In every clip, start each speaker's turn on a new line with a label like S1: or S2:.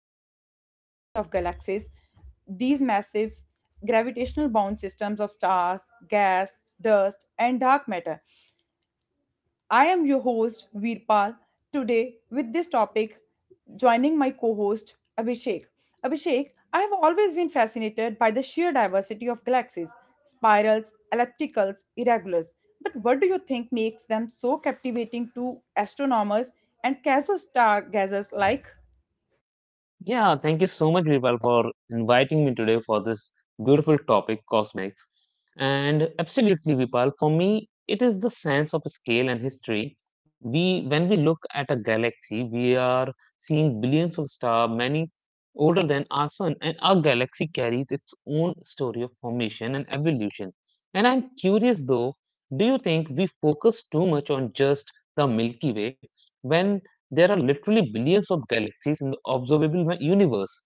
S1: mesmerizing world of galaxies, these massive gravitational bound systems of stars, gas, dust, and dark matter. I am your host, Veerpal. Today, with this topic, joining my co host, Abhishek. Abhishek, I have always been fascinated by the sheer diversity of galaxies spirals, ellipticals, irregulars. But what do you think makes them so captivating to astronomers and casual stargazers like?
S2: Yeah, thank you so much, Vipal, for inviting me today for this beautiful topic, cosmetics. And absolutely, Vipal, for me, it is the sense of scale and history. When we look at a galaxy, we are seeing billions of stars, many older than our sun, and our galaxy carries its own story of formation and evolution. And I'm curious though, do you think we focus too much on just the Milky Way? When? There are literally billions of galaxies in the observable universe.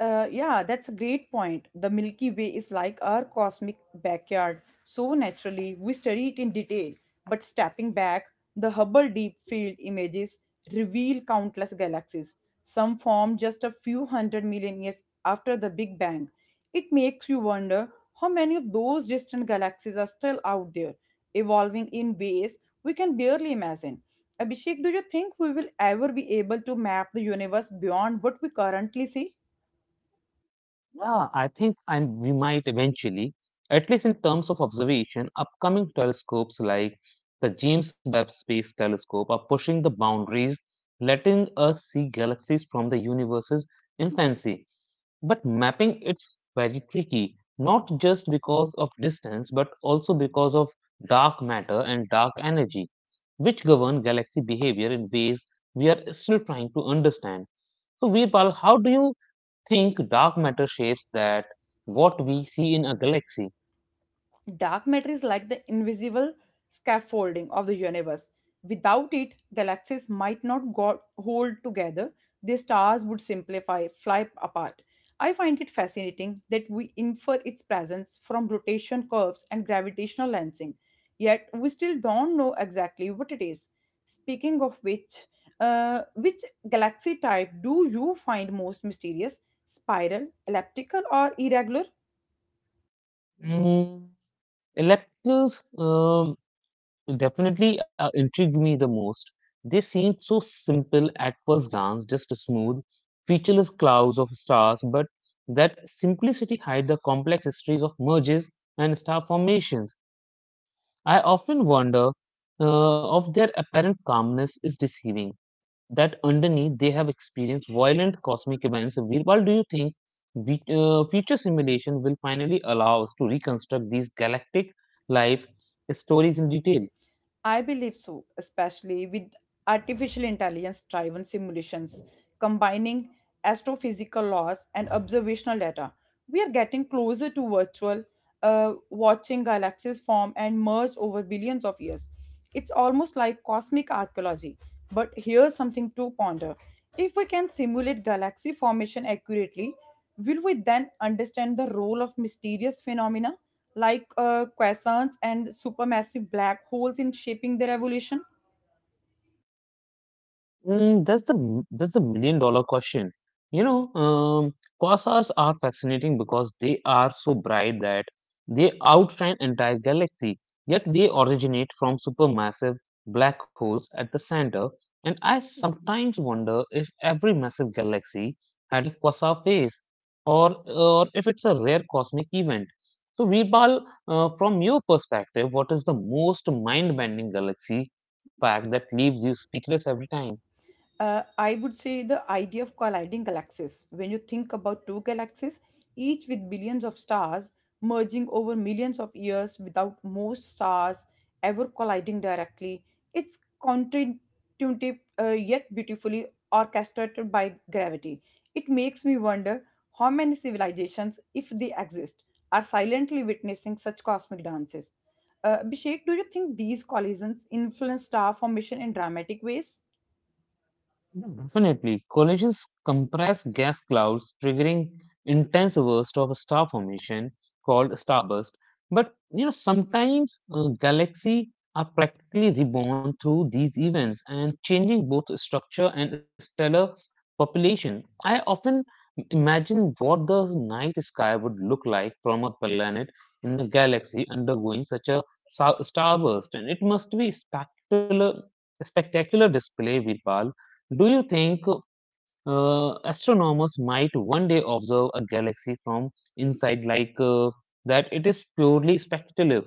S1: Yeah, that's a great point. The Milky Way is like our cosmic backyard. So naturally, we study it in detail. But stepping back, the Hubble Deep Field images reveal countless galaxies. Some formed just a few hundred million years after the Big Bang. It makes you wonder how many of those distant galaxies are still out there, evolving in ways we can barely imagine. Abhishek, do you think we will ever be able to map the universe beyond what we currently see?
S2: Yeah, I think we might eventually, at least in terms of observation, upcoming telescopes like the James Webb Space Telescope are pushing the boundaries, letting us see galaxies from the universe's infancy. But mapping it's very tricky, not just because of distance, but also because of dark matter and dark energy, which govern galaxy behavior in ways we are still trying to understand. So, Veerpal, how do you think dark matter shapes that what we see in a galaxy?
S1: Dark matter is like the invisible scaffolding of the universe. Without it, galaxies might not hold together, their stars would simplify, fly apart. I find it fascinating that we infer its presence from rotation curves and gravitational lensing, yet we still don't know exactly what it is. Speaking of which galaxy type do you find most mysterious? Spiral, elliptical, or irregular?
S2: Mm, Electrons definitely intrigued me the most. They seemed so simple at first glance, just smooth, featureless clouds of stars, but that simplicity hide the complex histories of merges and star formations. I often wonder if their apparent calmness is deceiving, that underneath they have experienced violent cosmic events. Virpal, do you think future simulation will finally allow us to reconstruct these galactic life stories in detail?
S1: I believe so, especially with artificial intelligence driven simulations combining astrophysical laws and observational data. We are getting closer to virtual watching galaxies form and merge over billions of years. It's almost like cosmic archaeology, but here's something to ponder. If we can simulate galaxy formation accurately, will we then understand the role of mysterious phenomena like quasars and supermassive black holes in shaping their evolution?
S2: Mm, that's the that's the million dollar question. You know, um, Quasars are fascinating because they are so bright that they outshine entire galaxy. Yet they originate from supermassive black holes at the center. And I sometimes wonder if every massive galaxy had a quasar phase, or if it's a rare cosmic event. So, Veerpal, from your perspective, what is the most mind-bending galaxy fact that leaves you speechless every time?
S1: I would say the idea of colliding galaxies. When you think about two galaxies, each with billions of stars, merging over millions of years without most stars ever colliding directly, it's counterintuitive yet beautifully orchestrated by gravity. It makes me wonder how many civilizations, if they exist, are silently witnessing such cosmic dances. Abhishek, do you think these collisions influence star formation in dramatic ways?
S2: Yeah, definitely, collisions compress gas clouds, triggering intense burst of a star formation called starburst. But sometimes galaxies are practically reborn through these events and changing both structure and stellar population. I often imagine what the night sky would look like from a planet in the galaxy undergoing such a starburst, and it must be spectacular, spectacular display, Virpal. Do you think astronomers might one day observe a galaxy from inside, like, that it is purely speculative?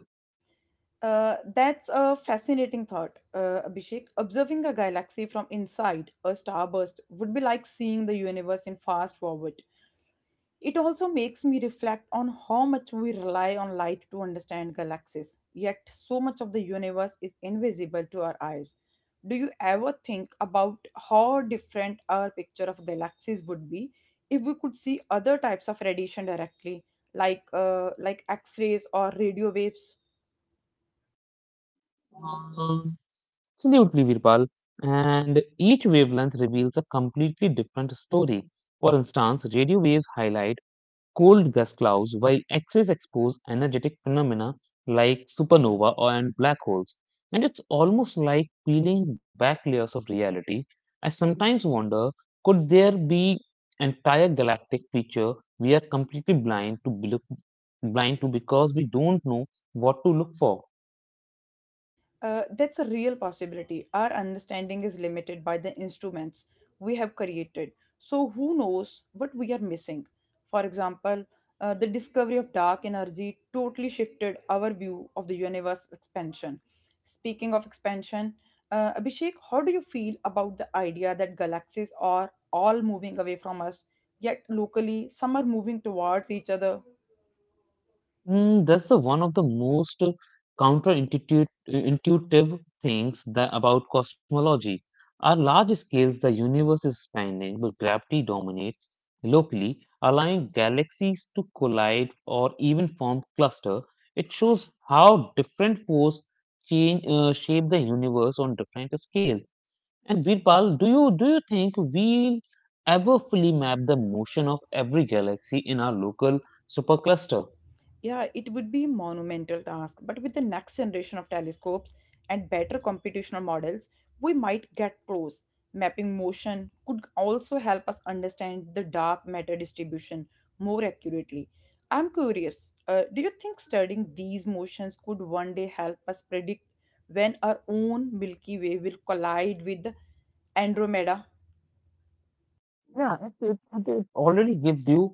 S1: That's a fascinating thought, Abhishek. Observing a galaxy from inside a starburst would be like seeing the universe in fast forward. It also makes me reflect on how much we rely on light to understand galaxies, yet, so much of the universe is invisible to our eyes. Do you ever think about how different our picture of galaxies would be if we could see other types of radiation directly, like X rays or radio waves?
S2: Um, Absolutely, Virpal. And each wavelength reveals a completely different story. For instance, radio waves highlight cold gas clouds, while X's expose energetic phenomena like supernova and black holes. And it's almost like peeling back layers of reality. I sometimes wonder, could there be entire galactic feature we are completely blind to, blind to because we don't know what to look for?
S1: That's a real possibility. Our understanding is limited by the instruments we have created. So, who knows what we are missing? For example, the discovery of dark energy totally shifted our view of the universe expansion. Speaking of expansion, Abhishek, how do you feel about the idea that galaxies are all moving away from us, yet locally some are moving towards each other?
S2: That's the one of the most counterintuitive intuitive things that about cosmology. At large scales, the universe is expanding, but gravity dominates locally, allowing galaxies to collide or even form cluster. It shows how different force change shape the universe on different scales. And Virpal, do you think we'll ever fully map the motion of every galaxy in our local supercluster?
S1: Yeah, it would be a monumental task, but with the next generation of telescopes and better computational models, we might get close. Mapping motion could also help us understand the dark matter distribution more accurately. I'm curious, do you think studying these motions could one day help us predict when our own Milky Way will collide with Andromeda?
S2: Yeah, it already gives you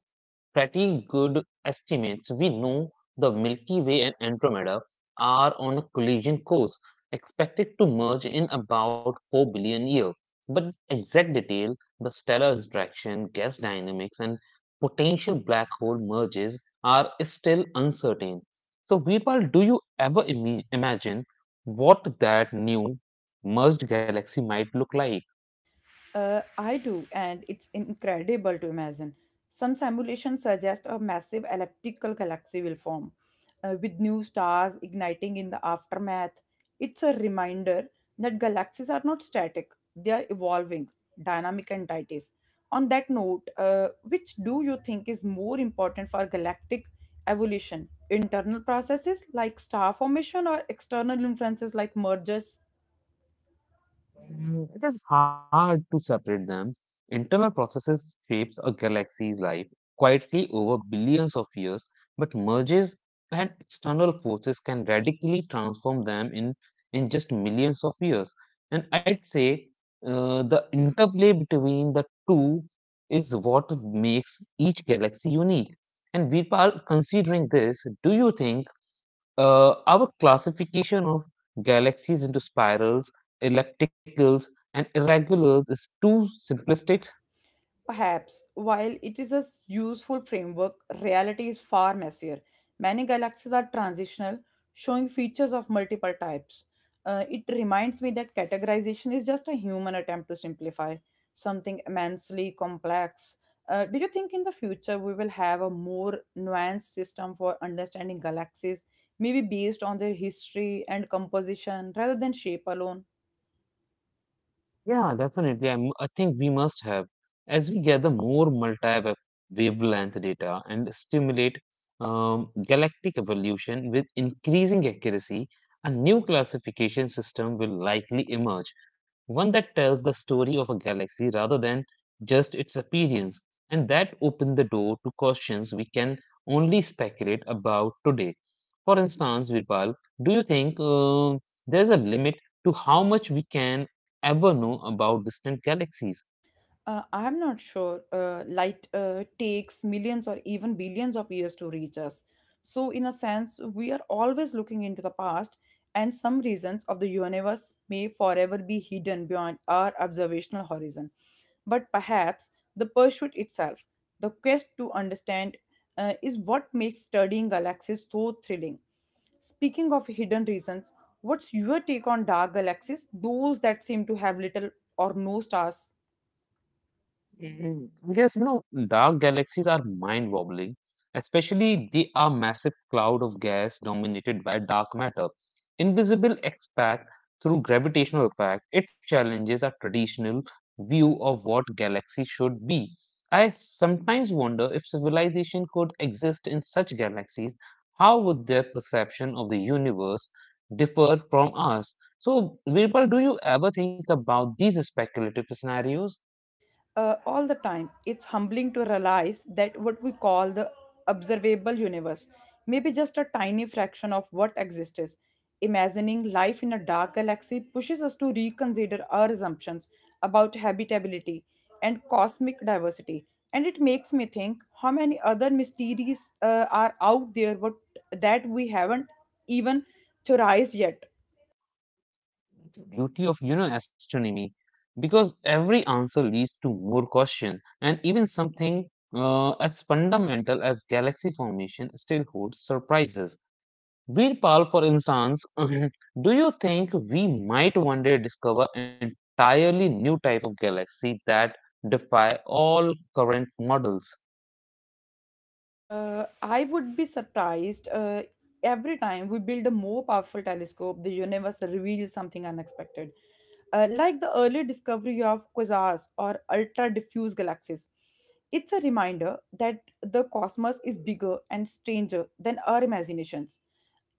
S2: pretty good estimates. We know the Milky Way and Andromeda are on a collision course, expected to merge in about 4 billion years. But the exact detail, the stellar interaction, gas dynamics, and potential black hole merges are still uncertain. So, Veerpal, do you ever imagine what that new merged galaxy might look like?
S1: I do, and it's incredible to imagine. Some simulations suggest a massive elliptical galaxy will form, with new stars igniting in the aftermath. It's a reminder that galaxies are not static, they are evolving, dynamic entities. On that note, which do you think is more important for galactic evolution? Internal processes like star formation or external influences like mergers?
S2: It is hard to separate them. Internal processes shapes a galaxy's life quietly over billions of years, but mergers and external forces can radically transform them in just millions of years. And I'd say the interplay between the two is what makes each galaxy unique. And Virpal, considering this, do you think our classification of galaxies into spirals, ellipticals, and irregulars is too simplistic.
S1: Perhaps, while it is a useful framework, reality is far messier. Many galaxies are transitional, showing features of multiple types. It reminds me that categorization is just a human attempt to simplify something immensely complex. Do you think in the future we will have a more nuanced system for understanding galaxies, maybe based on their history and composition rather than shape alone?
S2: Yeah, definitely. I think we must have, as we gather more multi-wavelength data and stimulate galactic evolution with increasing accuracy, a new classification system will likely emerge, one that tells the story of a galaxy rather than just its appearance, and that open the door to questions we can only speculate about today. For instance, Virpal, do you think there's a limit to how much we can ever know about distant galaxies?
S1: I'm not sure. Light takes millions or even billions of years to reach us. So, in a sense, we are always looking into the past, and some regions of the universe may forever be hidden beyond our observational horizon. But perhaps the pursuit itself, the quest to understand, is what makes studying galaxies so thrilling. Speaking of hidden reasons, what's your take on dark galaxies, those that seem to have little or no stars?
S2: Mhm. Yes, dark galaxies are mind-boggling, especially they are massive cloud of gas dominated by dark matter. Invisible expect through gravitational effect, it challenges our traditional view of what galaxy should be. I sometimes wonder if civilization could exist in such galaxies, how would their perception of the universe differ from ours? So, Virpal, do you ever think about these speculative scenarios?
S1: All the time. It's humbling to realize that what we call the observable universe may be just a tiny fraction of what exists. Imagining life in a dark galaxy pushes us to reconsider our assumptions about habitability and cosmic diversity. And it makes me think how many other mysteries are out there what, that we haven't even theorized yet.
S2: The beauty of astronomy, because every answer leads to more question, and even something as fundamental as galaxy formation still holds surprises. Virpal, for instance, do you think we might one day discover entirely new type of galaxy that defy all current models?
S1: I would be surprised. Every time we build a more powerful telescope, the universe reveals something unexpected. Like the early discovery of quasars or ultra diffuse galaxies. It's a reminder that the cosmos is bigger and stranger than our imaginations.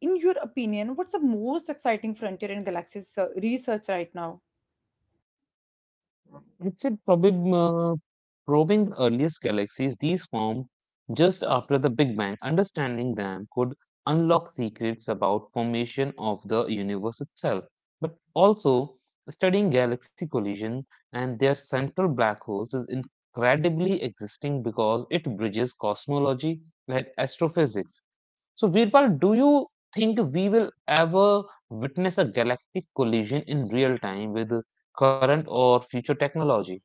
S1: In your opinion, what's the most exciting frontier in galaxy research right now?
S2: It's a probably, probing the earliest galaxies these formed just after the Big Bang. Understanding them could unlock secrets about formation of the universe itself, but also studying galaxy collision and their central black holes is incredibly existing because it bridges cosmology and astrophysics. So, Virpal, do you think we will ever witness a galactic collision in real time with current or future technology?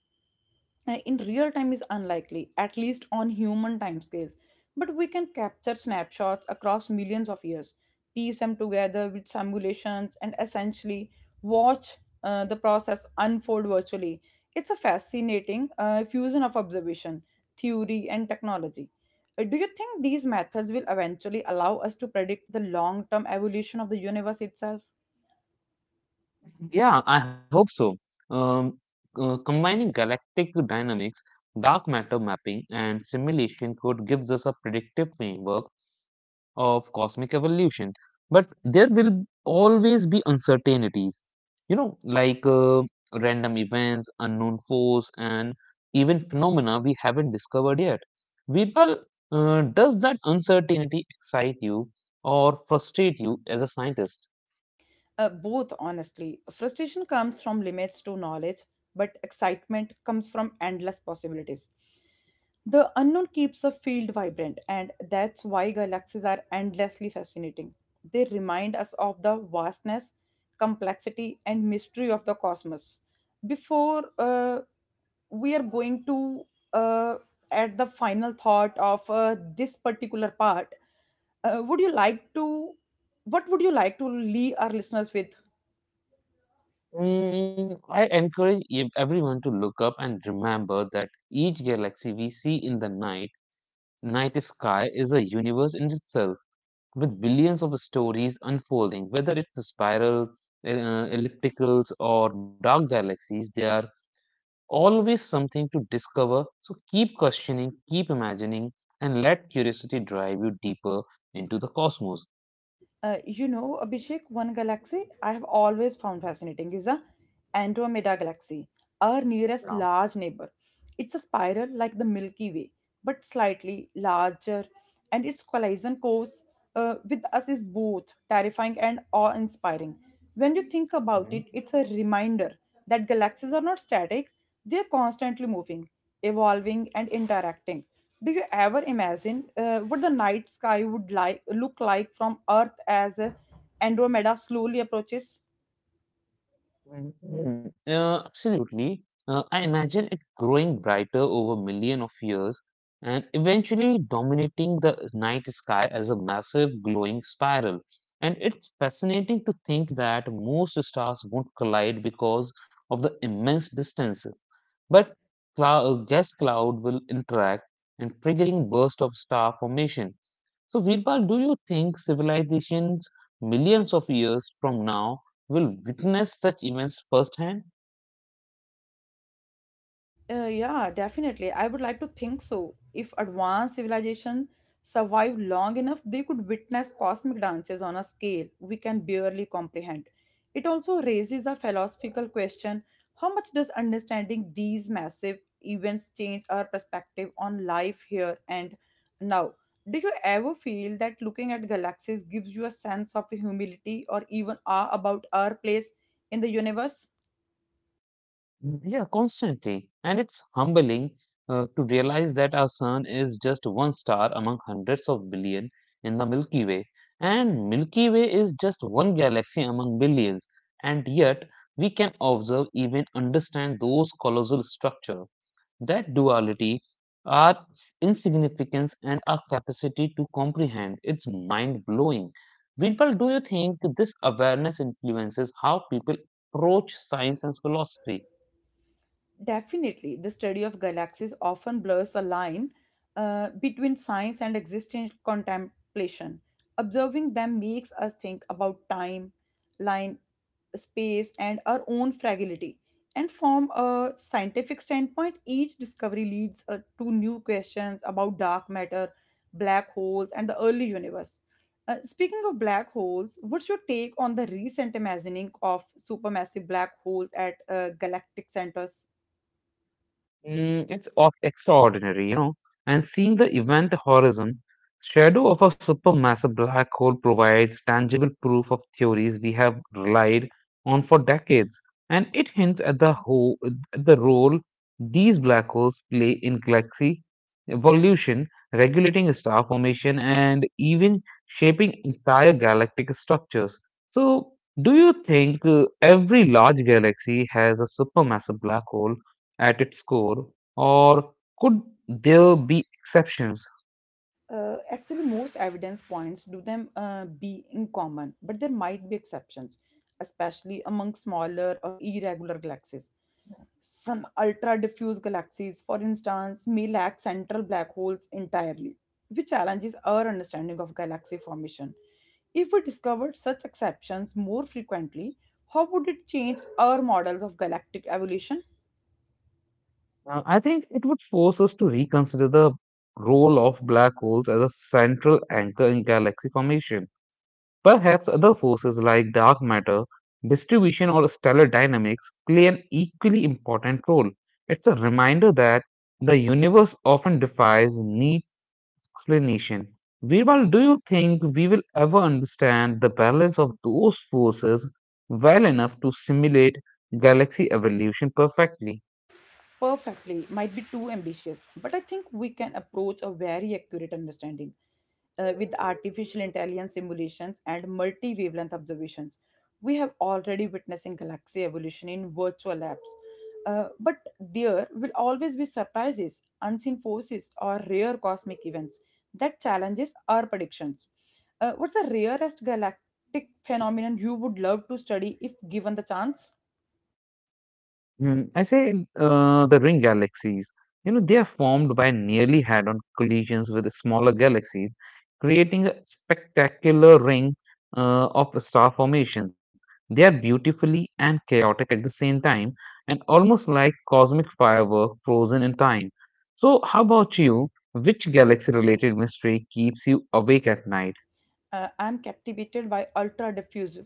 S1: In real time is unlikely, at least on human timescales. But we can capture snapshots across millions of years, piece them together with simulations, and essentially watch the process unfold virtually. It's a fascinating fusion of observation, theory, and technology. Do you think these methods will eventually allow us to predict the long term evolution of the universe itself?
S2: Yeah, I hope so. Um, Combining galactic dynamics, dark matter mapping, and simulation code gives us a predictive framework of cosmic evolution. But there will always be uncertainties, like, random events, unknown force, and even phenomena we haven't discovered yet. Vipal, does that uncertainty excite you or frustrate you as a scientist?
S1: Both, honestly. Frustration comes from limits to knowledge, but excitement comes from endless possibilities. The unknown keeps a field vibrant, and that's why galaxies are endlessly fascinating. They remind us of the vastness, complexity, and mystery of the cosmos. Before we are going to uh, add the final thought of this particular part, would you like to what would you like to leave our listeners with?
S2: I encourage everyone to look up and remember that each galaxy we see in the night sky is a universe in itself with billions of stories unfolding. Whether it's a spiral, ellipticals, or dark galaxies, they are always something to discover. So keep questioning, keep imagining, and let curiosity drive you deeper into the cosmos.
S1: You know, Abhishek, one galaxy I have always found fascinating is the Andromeda Galaxy, our nearest
S2: Yeah.
S1: large neighbor. It's a spiral like the Milky Way, but slightly larger, and its collision course with us is both terrifying and awe inspiring. When you think about it, it's a reminder that galaxies are not static, they're constantly moving, evolving, and interacting. Do you ever imagine what the night sky would look like from Earth as Andromeda slowly approaches?
S2: Mm. Absolutely, I imagine it growing brighter over million of years and eventually dominating the night sky as a massive glowing spiral. And it's fascinating to think that most stars won't collide because of the immense distances. But gas cloud will interact and triggering burst of star formation. So, Virpal, do you think civilizations millions of years from now will witness such events firsthand?
S1: Yeah, definitely. I would like to think so. If advanced civilization survived long enough, they could witness cosmic dances on a scale we can barely comprehend. It also raises a philosophical question, how much does understanding these massive events change our perspective on life here and now? Do you ever feel that looking at galaxies gives you a sense of humility or even awe about our place in the universe?
S2: Yeah, constantly. And it's humbling to realize that our sun is just one star among hundreds of billion in the Milky Way. And Milky Way is just one galaxy among billions. And yet, we can observe, even understand those colossal structure. That duality, our insignificance and our capacity to comprehend. It's mind blowing. Vinpal, do you think this awareness influences how people approach science and philosophy?
S1: Definitely, the study of galaxies often blurs the line between science and existential contemplation. Observing them makes us think about time, line, space, and our own fragility. And from a scientific standpoint, each discovery leads to new questions about dark matter, black holes, and the early universe. Speaking of black holes, what's your take on the recent imagining of supermassive black holes at galactic centers?
S2: It's of extraordinary. And seeing the event horizon, shadow of a supermassive black hole provides tangible proof of theories we have relied on for decades, and it hints at the role these black holes play in galaxies evolution, regulating star formation, and even shaping entire galactic structures. So, do you think every large galaxy has a supermassive black hole at its core, or could there be exceptions?
S1: Actually most evidence points do them be in common, but there might be exceptions, especially among smaller or irregular galaxies. Some ultra diffuse galaxies for instance may lack central black holes entirely, which challenges our understanding of galaxy formation. If we discovered such exceptions more frequently, how would it change our models of galactic evolution?
S2: I think it would force us to reconsider the role of black holes as a central anchor in galaxy formation. Perhaps other forces like dark matter, distribution, or stellar dynamics play an equally important role. It's a reminder that the universe often defies neat explanation. Virval, do you think we will ever understand the balance of those forces well enough to simulate galaxy evolution perfectly?
S1: Perfectly might be too ambitious, but I think we can approach a very accurate understanding with artificial intelligence simulations and multi wavelength observations. We have already witnessing galaxy evolution in virtual labs. But there will always be surprises, unseen forces, or rare cosmic events that challenges our predictions. What's the rarest galactic phenomenon you would love to study if given the chance?
S2: I say the ring galaxies. They are formed by nearly head-on collisions with smaller galaxies, creating a spectacular ring of star formation. They are beautifully and chaotic at the same time, and almost like cosmic firework frozen in time. So, how about you? Which galaxy-related mystery keeps you awake at night?
S1: I'm captivated by ultra diffuse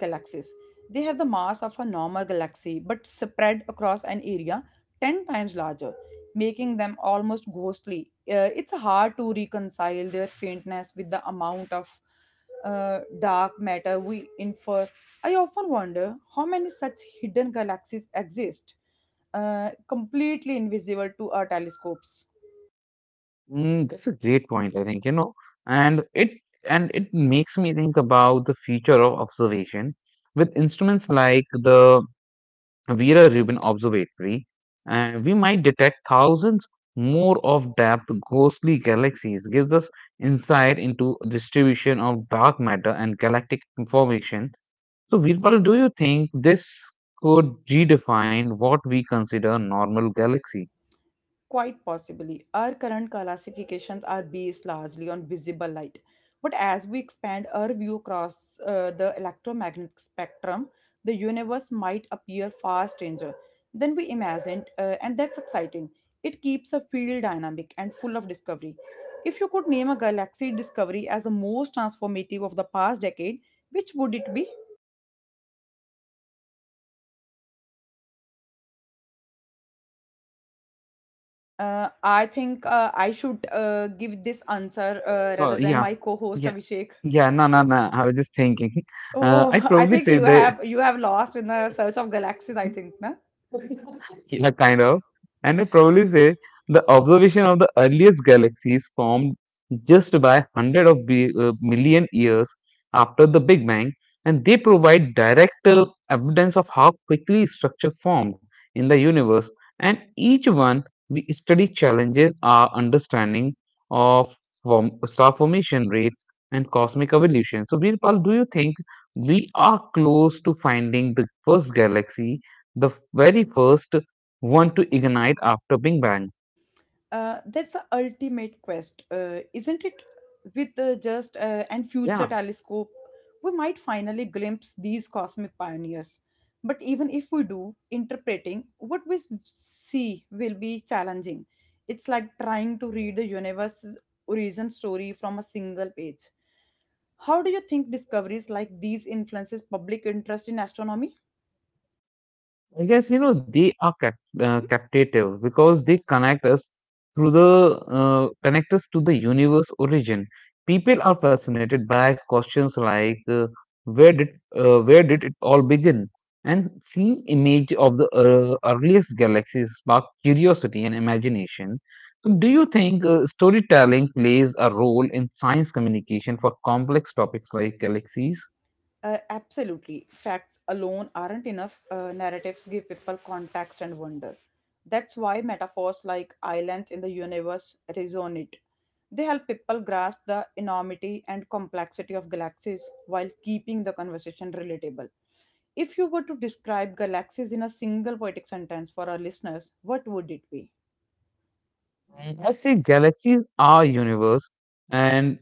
S1: galaxies. They have the mass of a normal galaxy but spread across an area 10 times larger, making them almost ghostly. It's hard to reconcile their faintness with the amount of dark matter we infer. I often wonder how many such hidden galaxies exist, completely invisible to our telescopes.
S2: That's a great point, I think, and it and it makes me think about the future of observation with instruments like the Vera Rubin Observatory. We might detect thousands more of depth ghostly galaxies, gives us insight into distribution of dark matter and galactic information. So, Veerpal, do you think this could redefine what we consider normal galaxy?
S1: Quite possibly. Our current classifications are based largely on visible light. But as we expand our view across the electromagnetic spectrum, the universe might appear far stranger than we imagined, and that's exciting. It keeps a field dynamic and full of discovery. If you could name a galaxy discovery as the most transformative of the past decade, which would it be? I should give this answer
S2: So,
S1: rather than
S2: yeah.
S1: my co host
S2: Yeah.
S1: Abhishek.
S2: Yeah, no, no, no. I was just thinking.
S1: Oh,
S2: I'd
S1: I
S2: probably
S1: think
S2: say
S1: you
S2: that.
S1: have you have lost in the search of galaxies. I think, na?
S2: Yeah, kind of. And I probably say the observation of the earliest galaxies formed just by 100 of million years after the Big Bang, and they provide direct evidence of how quickly structure formed in the universe. And each one we study challenges our understanding of form, star formation rates and cosmic evolution. So, Birpal, do you think we are close to finding the first galaxy? The very first want to ignite after Big Bang.
S1: That's the ultimate quest, isn't it? With the just and
S2: Yeah,
S1: future telescope, we might finally glimpse these cosmic pioneers. But even if we do, interpreting see will be challenging. It's like trying to read the universe's origin story from a single page. How do you think discoveries like these influences public interest in astronomy?
S2: I guess you know they are captive because they connect us through the connect us to the universe origin. People are fascinated by questions like where did where did it all begin, and seeing image of the earliest galaxies spark curiosity and imagination. So, do you think storytelling plays a role in science communication for complex topics like galaxies?
S1: Absolutely. Facts alone aren't enough. Narratives give people context and wonder. That's why metaphors like islands in the universe resonate. They help people grasp the enormity and complexity of galaxies while keeping the conversation relatable. If you were to describe galaxies in a single poetic sentence for our listeners, what would it be?
S2: Mm, I say galaxies are universe and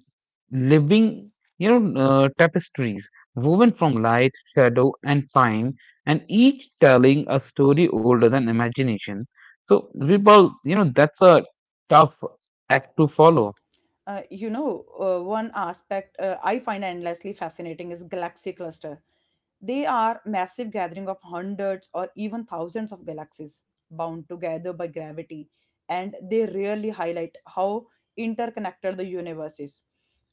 S2: living, you know, tapestries woven from light, shadow, and time, and each telling a story older than imagination. So, Virpal, you know, that's a tough act to follow.
S1: One aspect I find endlessly fascinating is galaxy cluster. They are massive gathering of hundreds or even thousands of galaxies bound together by gravity, and they really highlight how interconnected the universe is.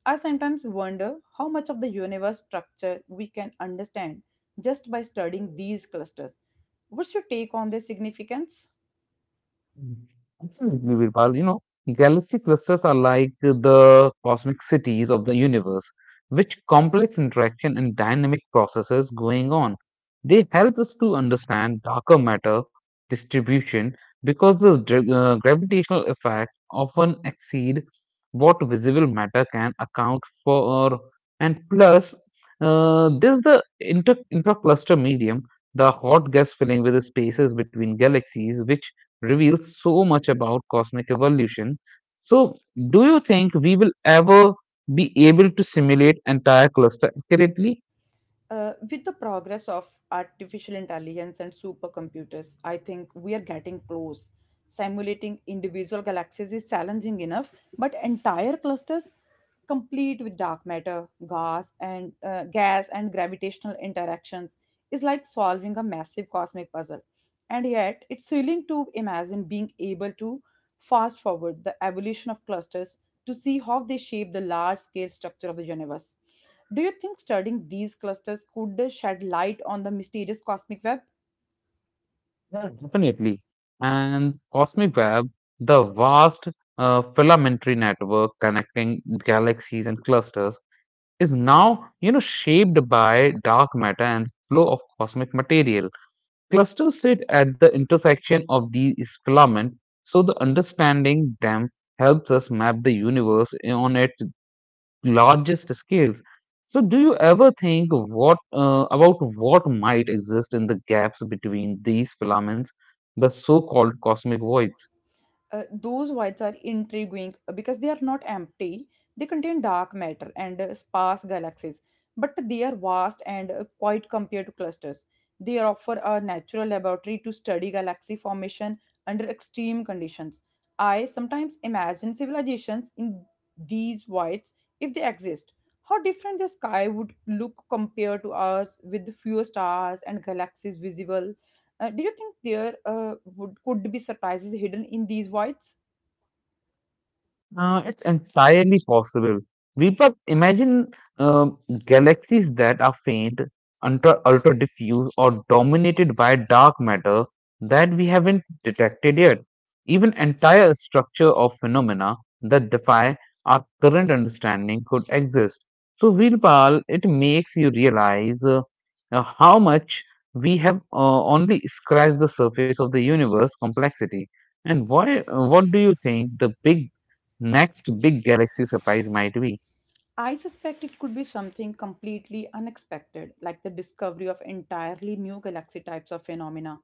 S1: I sometimes wonder how much of the universe structure we can understand just by studying these clusters. What's your take on their significance?
S2: Mm. Absolutely, Virpal. You know, galaxy clusters are like the cosmic cities of the universe, which complex interaction and dynamic processes going on. They help us to understand darker matter distribution because the gravitational effect often exceed what visible matter can account for, and plus there's the intercluster medium, the hot gas filling with the spaces between galaxies which reveals so much about cosmic evolution. So, do you think we will ever be able to simulate entire cluster accurately?
S1: With the progress of artificial intelligence and supercomputers, I think we are getting close. Simulating individual galaxies is challenging enough, but entire clusters complete with dark matter, gas, and gravitational interactions is like solving a massive cosmic puzzle. And yet, it's thrilling to imagine being able to fast forward the evolution of clusters to see how they shape the large scale structure of the universe. Do you think studying these clusters could shed light on the mysterious cosmic web?
S2: Yeah, definitely. And cosmic web, the vast filamentary network connecting galaxies and clusters, is now you know shaped by dark matter and flow of cosmic material. Clusters sit at the intersection of these filaments, so the understanding them helps us map the universe on its largest scales. So, do you ever think what about what might exist in the gaps between these filaments, the so-called cosmic voids?
S1: Those whites are intriguing because they are not empty. They contain dark matter and sparse galaxies, but they are vast and quite compared to clusters. They offer a natural laboratory to study galaxy formation under extreme conditions. I sometimes imagine civilizations in these whites, if they exist, how different the sky would look compared to ours with fewer stars and galaxies visible. Do you think there would could be surprises hidden in these voids?
S2: It's entirely possible. Deepak, imagine um, galaxies that are faint, ultra diffuse, or dominated by dark matter that we haven't detected yet. Even entire structure of phenomena that defy our current understanding could exist. So, Virpal, it makes you realize how much we have only scratched the surface of the universe complexity. And why, what do you think the big next big galaxy surprise might be.
S1: I suspect it could be something completely unexpected, like the discovery of entirely new galaxy types of phenomena.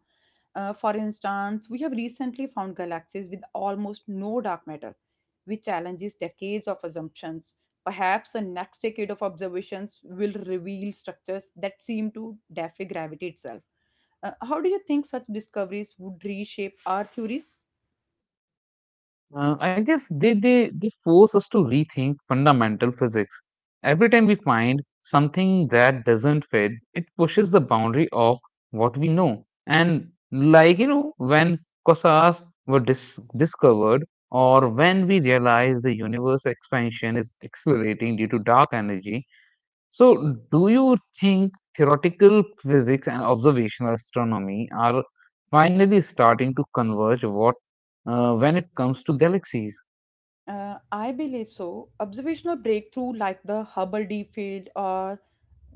S1: For instance, we have recently found galaxies with almost no dark matter, which challenges decades of assumptions. Perhaps the next decade of observations will reveal structures that seem to defy gravity itself. How do you think such discoveries would reshape our theories?
S2: I guess they force us to rethink fundamental physics. Every time we find something that doesn't fit, it pushes the boundary of what we know. And like, you know, when quasars were discovered, or when we realize the universe expansion is accelerating due to dark energy. So, do you think theoretical physics and observational astronomy are finally starting to converge what when it comes to galaxies?
S1: I believe so. Observational breakthrough like the Hubble Deep Field or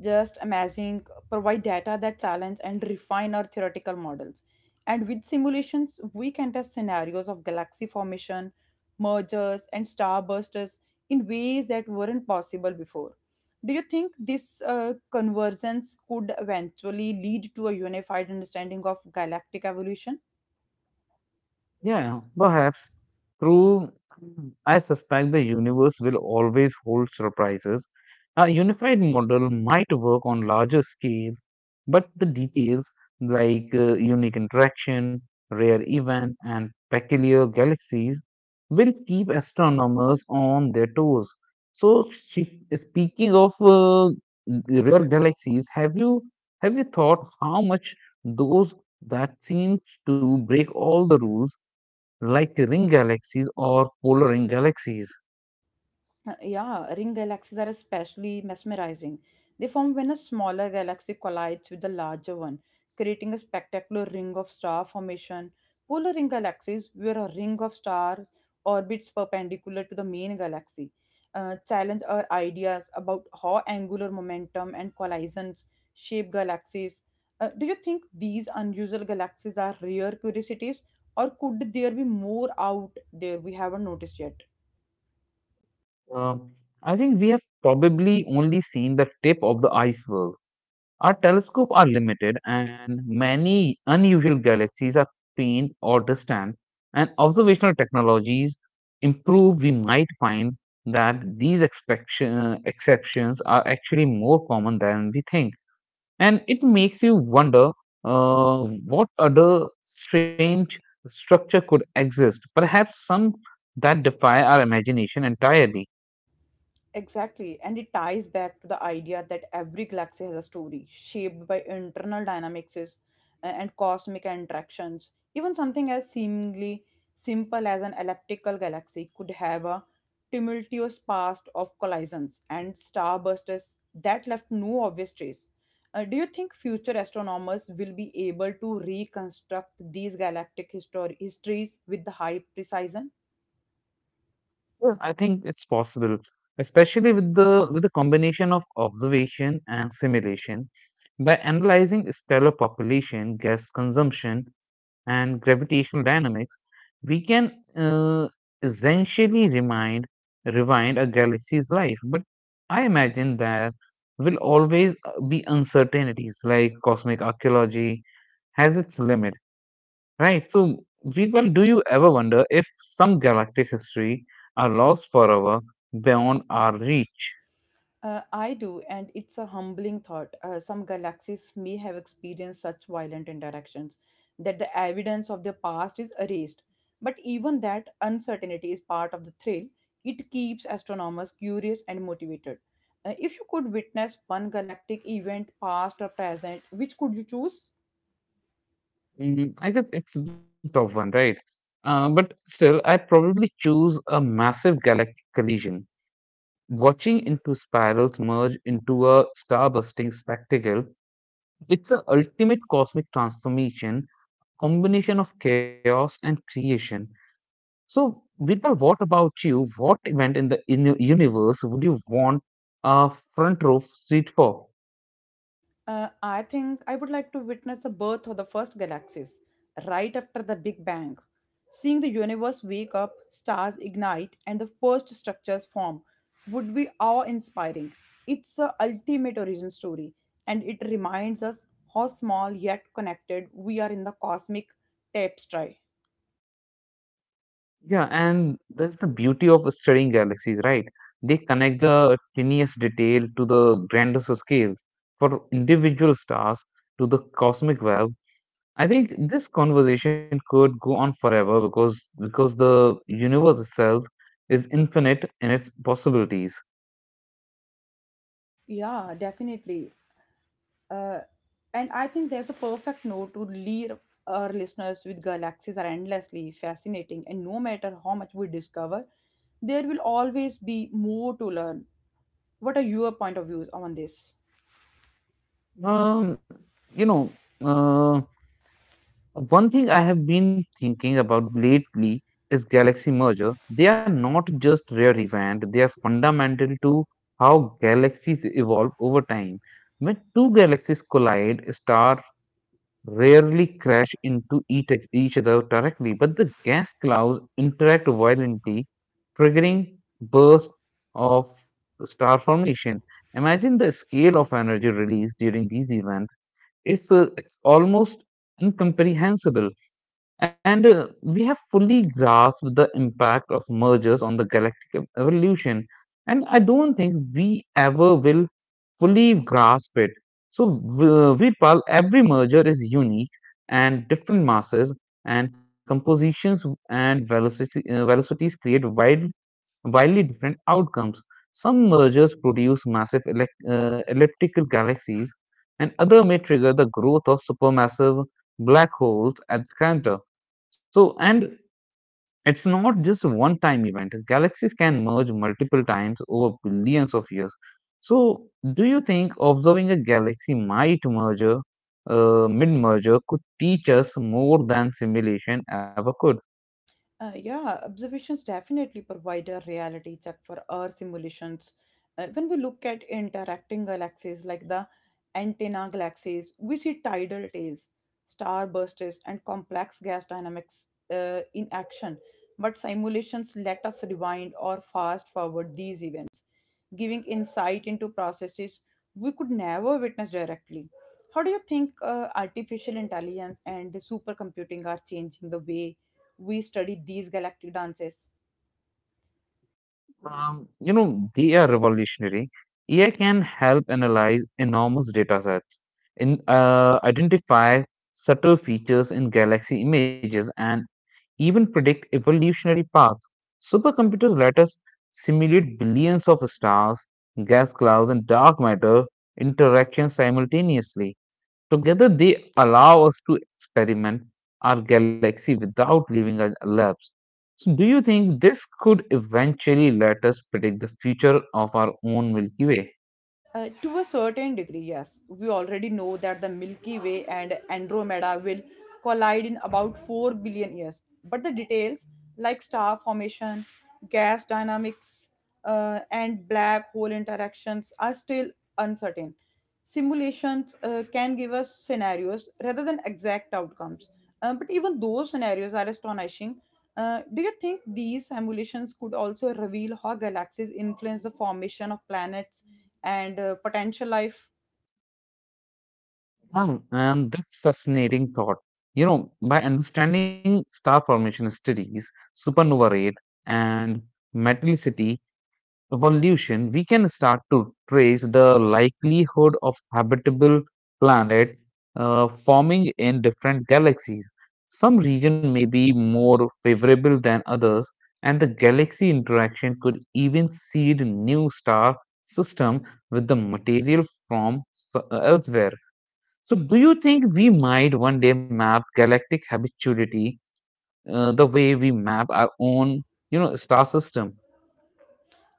S1: just imaging provide data that challenge and refine our theoretical models. And with simulations, we can test scenarios of galaxy formation, mergers, and starbursters in ways that weren't possible before. Do you think this convergence could eventually lead to a unified understanding of galactic evolution?
S2: Yeah, perhaps. True. I suspect the universe will always hold surprises. A unified model might work on larger scales, but the details like unique interaction, rare event, and peculiar galaxies will keep astronomers on their toes. So, speaking of rare galaxies, have you thought how much those that seem to break all the rules? Like ring galaxies or polar ring galaxies.
S1: Yeah, ring galaxies are especially mesmerizing. They form when a smaller galaxy collides with the larger one, creating a spectacular ring of star formation. Polar ring galaxies, where a ring of stars orbits perpendicular to the main galaxy, challenge our ideas about how angular momentum and collisions shape galaxies. Do you think these unusual galaxies are rare curiosities, or could there be more out there we haven't noticed yet?
S2: Um, I think we have probably only seen the tip of the iceberg. Our telescopes are limited, and many unusual galaxies are faint or distant, and observational technologies improve, we might find that these exceptions are actually more common than we think. And it makes you wonder what other strange structure could exist, perhaps some that defy our imagination entirely.
S1: Exactly, and it ties back to the idea that every galaxy has a story shaped by and cosmic interactions. Even something as seemingly simple as an elliptical galaxy could have a tumultuous past of collisions and starbursts that left no obvious trace. Do you think future astronomers will be able to reconstruct these histories with the high precision?
S2: Yes, I think it's possible, especially with the combination of observation and simulation. By analyzing stellar population, gas consumption, and gravitational dynamics, we can uh, essentially remind rewind a galaxy's life, but I imagine there will always be uncertainties like cosmic archaeology has its limit, right? So, Veerpal, do you ever wonder if some galactic history are lost forever beyond our reach?
S1: I do, and it's a humbling thought. Some galaxies may have experienced such violent interactions that the evidence of their past is erased. But even that uncertainty is part of the thrill. It keeps astronomers curious and motivated. If you could witness one galactic event, past or present, which could you choose?
S2: Mm, I guess it's the top one, right? But still, I probably choose a massive galactic collision. Watching into spirals merge into a star busting spectacle. It's an ultimate cosmic transformation, combination of chaos and creation. So, Vidal, what about you? What event in the in universe would you want a front row seat for?
S1: I think I would like to witness the birth of the first galaxies right after the Big Bang. Seeing the universe wake up, stars ignite, and the first structures form would be awe inspiring. It's the ultimate origin story, and it reminds us how small yet connected we are in the cosmic tapestry.
S2: Yeah, and that's the beauty of studying galaxies, right? They connect the tiniest detail to the grandest scales. For individual stars to the cosmic web, I think this conversation could go on forever because the universe itself is infinite in its possibilities.
S1: Yeah, definitely. uh, and I think there's a perfect note to leave our listeners with galaxies are endlessly fascinating, and no matter how much we discover, there will always be more to learn. What are your point of views on this?
S2: Um, you know, uh, one thing I have been thinking about lately is galaxy merger. They are not just rare event; they are fundamental to how galaxies evolve over time. When two galaxies collide, star rarely crash into each other directly, but the gas clouds interact violently, triggering bursts of star formation. Imagine the scale of energy released during these events. It's almost incomprehensible. And we have fully grasped the impact of mergers on the galactic evolution. And I don't think we ever will fully grasp it. So, with every merger is unique and different masses and compositions and velocities create wildly different outcomes. Some mergers produce massive elec elliptical galaxies, and other may trigger the growth of supermassive black holes at the center. So, and it's not just one time event. Galaxies can merge multiple times over billions of years. So, do you think observing a galaxy mid merger, could teach us more than simulation ever could?
S1: Yeah, observations definitely provide a reality check for our simulations. When we look at interacting galaxies like the antenna galaxies, we see tidal tails, star bursts, and complex gas dynamics in action. But simulations let us rewind or fast forward these events giving insight into processes we could never witness directly. How do you think artificial intelligence and supercomputing are changing the way we study these galactic dances?
S2: You know, they are revolutionary. AI can help analyze enormous data sets, identify subtle features in galaxy images, and even predict evolutionary paths. Supercomputers let us simulate billions of stars, gas clouds, and dark matter interactions simultaneously. Together, they allow us to experiment our galaxy without leaving a lab. So, do you think this could eventually let us predict the future of our own Milky Way?
S1: To a certain degree, yes. We already know that the Milky Way and Andromeda will collide in about 4 billion years. But the details, like star formation, gas dynamics, and black hole interactions, are still uncertain. Simulations can give us scenarios rather than exact outcomes. But even those scenarios are astonishing. Do you think these simulations could also reveal how galaxies influence the formation of planets and potential life?
S2: Wow, and that's fascinating thought. You know, by understanding star formation studies, supernova rate, and metallicity, evolution, we can start to trace the likelihood of habitable planet forming in different galaxies. Some region may be more favorable than others, and the galaxy interaction could even seed new star system with the material from elsewhere. So, do you think we might one day map galactic habitability the way we map our own, you know, star system?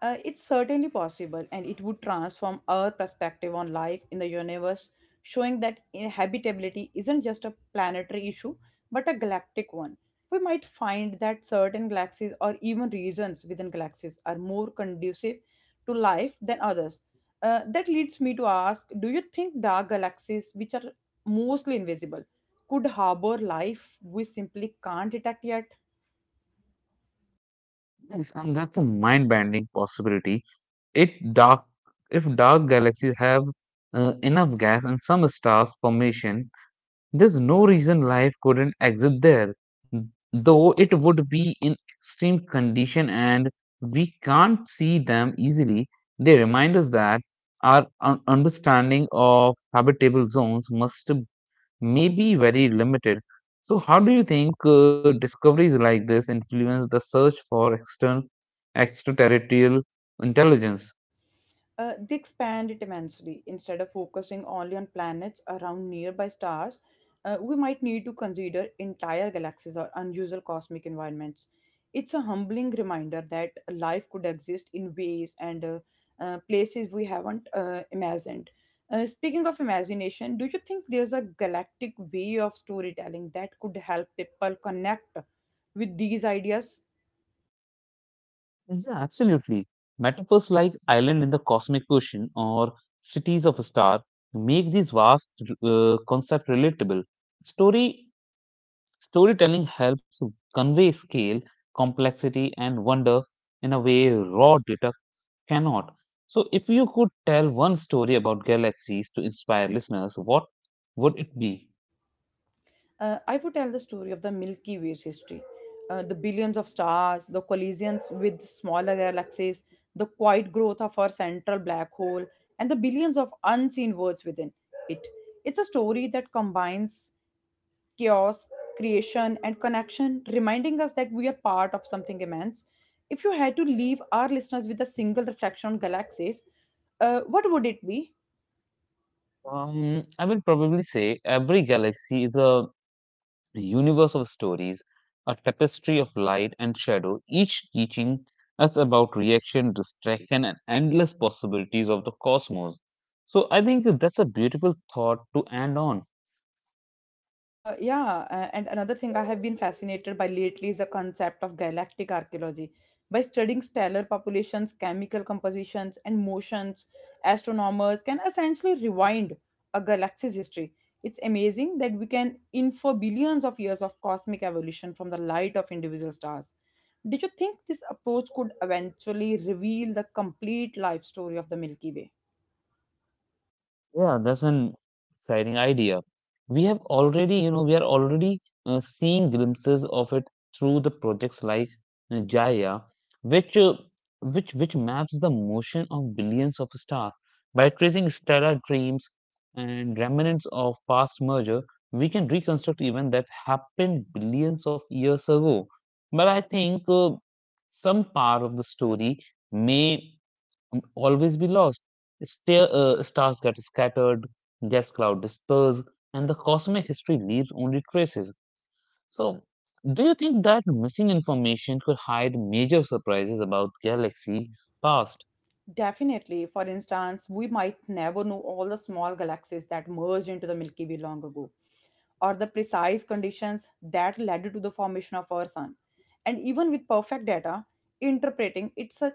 S1: It's certainly possible, and it would transform our perspective on life in the universe, showing that habitability isn't just a planetary issue but a galactic one. We might find that certain galaxies or even regions within galaxies are more conducive to life than others. That leads me to ask, do you think dark galaxies, which are mostly invisible, could harbor life we simply can't detect yet?
S2: Yes, and that's a mind-bending possibility. It dark if dark galaxies have enough gas and some stars formation, there's no reason life couldn't exist there. Though it would be in extreme condition and we can't see them easily, they remind us that our understanding of habitable zones must may be very limited. So, how do you think discoveries like this influence the search for external? Extraterrestrial intelligence.
S1: They expand it immensely. Instead of focusing only on planets around nearby stars, we might need to consider entire galaxies or unusual cosmic environments. It's a humbling reminder that life could exist in ways and places we haven't imagined. Speaking of imagination, do you think there's a galactic way of storytelling that could help people connect with these ideas?
S2: Yeah, absolutely. Metaphors like island in the cosmic ocean or cities of a star make these vast concepts relatable. Story Storytelling helps convey scale, complexity, and wonder in a way raw data cannot. So, if you could tell one story about galaxies to inspire listeners, what would it be?
S1: I would tell the story of the Milky Way's history. The billions of stars, the collisions with smaller galaxies, the quiet growth of our central black hole, and the billions of unseen worlds within it. It's a story that combines chaos, creation, and connection, reminding us that we are part of something immense. If you had to leave our listeners with a single reflection on galaxies, what would it be?
S2: I will probably say every galaxy is a the universe of stories, a tapestry of light and shadow, each teaching us about reaction, distraction, and endless possibilities of the cosmos. So I think that's a beautiful thought to end on.
S1: And another thing I have been fascinated by lately is the concept of galactic archaeology. By studying stellar populations, chemical compositions, and motions, astronomers can essentially rewind a galaxy's history. It's amazing that we can infer billions of years of cosmic evolution from the light of individual stars. Did you think this approach could eventually reveal the complete life story of the Milky Way?
S2: Yeah, that's an exciting idea. We have already, you know, We are already seeing glimpses of it through the projects like Gaia, which which maps the motion of billions of stars by tracing stellar dreams and remnants of past merger. We can reconstruct events that happened billions of years ago. But I think some part of the story may and always be lost. Stars get scattered, gas cloud disperse, and the cosmic history leaves only traces. So, do you think that missing information could hide major surprises about galaxies past?
S1: Definitely. For instance, we might never know all the small galaxies that merged into the Milky Way long ago, or the precise conditions that led to the formation of our sun. And even with perfect data, interpreting it's a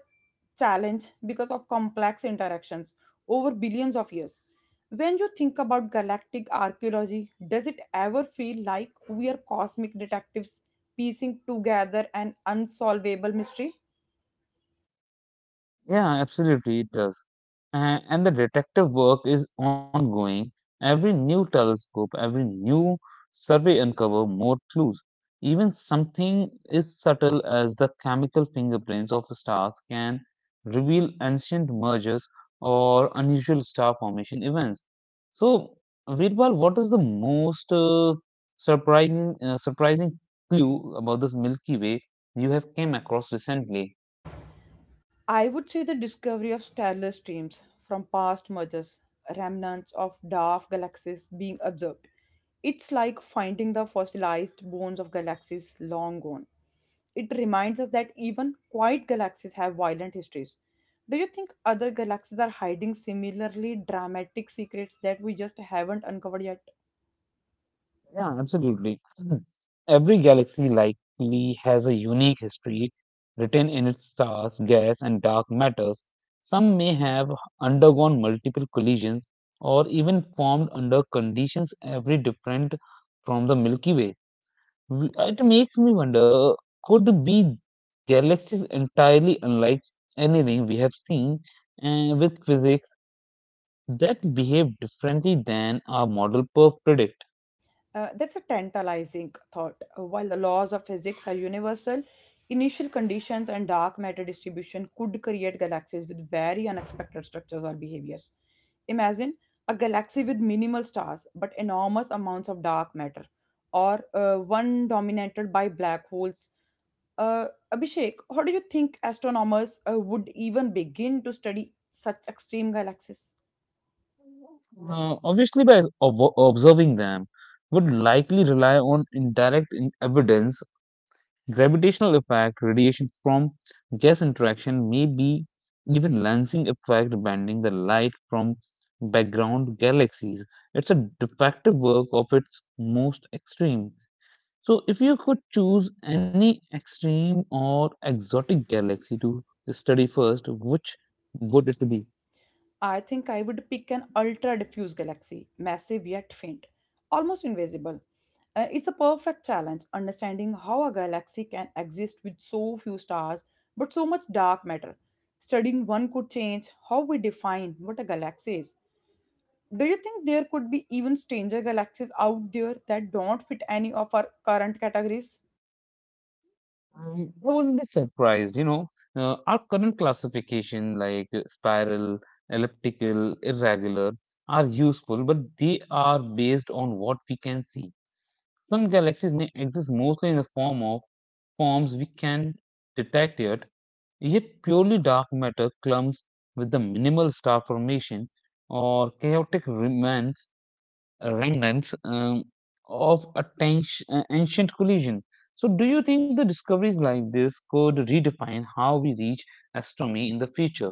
S1: challenge because of complex interactions over billions of years. When you think about galactic archaeology, does it ever feel like we are cosmic detectives piecing together an unsolvable mystery?
S2: Yeah, absolutely, it does. And the detective work is ongoing. Every new telescope, every new survey uncover more clues. Even something as subtle as the chemical fingerprints of stars can reveal ancient mergers or unusual star formation events. So, Veerpal, what is the most surprising clue about this Milky Way you have came across recently?
S1: I would say the discovery of stellar streams from past mergers, remnants of dwarf galaxies being observed. It's like finding the fossilized bones of galaxies long gone. It reminds us that even quiet galaxies have violent histories. Do you think other galaxies are hiding similarly dramatic secrets that we just haven't uncovered yet?
S2: Yeah, absolutely. Mhm. Every galaxy likely has a unique history written in its stars, gas, and dark matters. Some may have undergone multiple collisions or even formed under conditions every different from the Milky Way. It makes me wonder, could be galaxies entirely unlike anything we have seen with physics that behave differently than our model per predict?
S1: That's a tantalizing thought. While the laws of physics are universal, initial conditions and dark matter distribution could create galaxies with very unexpected structures or behaviors. Imagine a galaxy with minimal stars but enormous amounts of dark matter, or one dominated by black holes. Uh, Abhishek, how do you think astronomers would even begin to study such extreme galaxies?
S2: Obviously, by observing them, would likely rely on indirect evidence. Gravitational effect, radiation from gas interaction, may be even lensing effect, bending the light from background galaxies. It's a defective work of its most extreme. So, if you could choose any extreme or exotic galaxy to study first, which would it be?
S1: I think I would pick an ultra diffuse galaxy, massive yet faint, almost invisible. It's a perfect challenge understanding how a galaxy can exist with so few stars but so much dark matter. Studying one could change how we define what a galaxy is. Do you think there could be even stranger galaxies out there that don't fit any of our current categories?
S2: Mm, I wouldn't be surprised, you know. Our current classification, like spiral, elliptical, irregular, are useful, but they are based on what we can see. Some galaxies may exist mostly in the form of forms we can detect yet, yet purely dark matter clumps with the minimal star formation or chaotic remnants remnants um, of a ancient collision. So, do you think the discoveries like this could redefine how we reach astronomy in the future?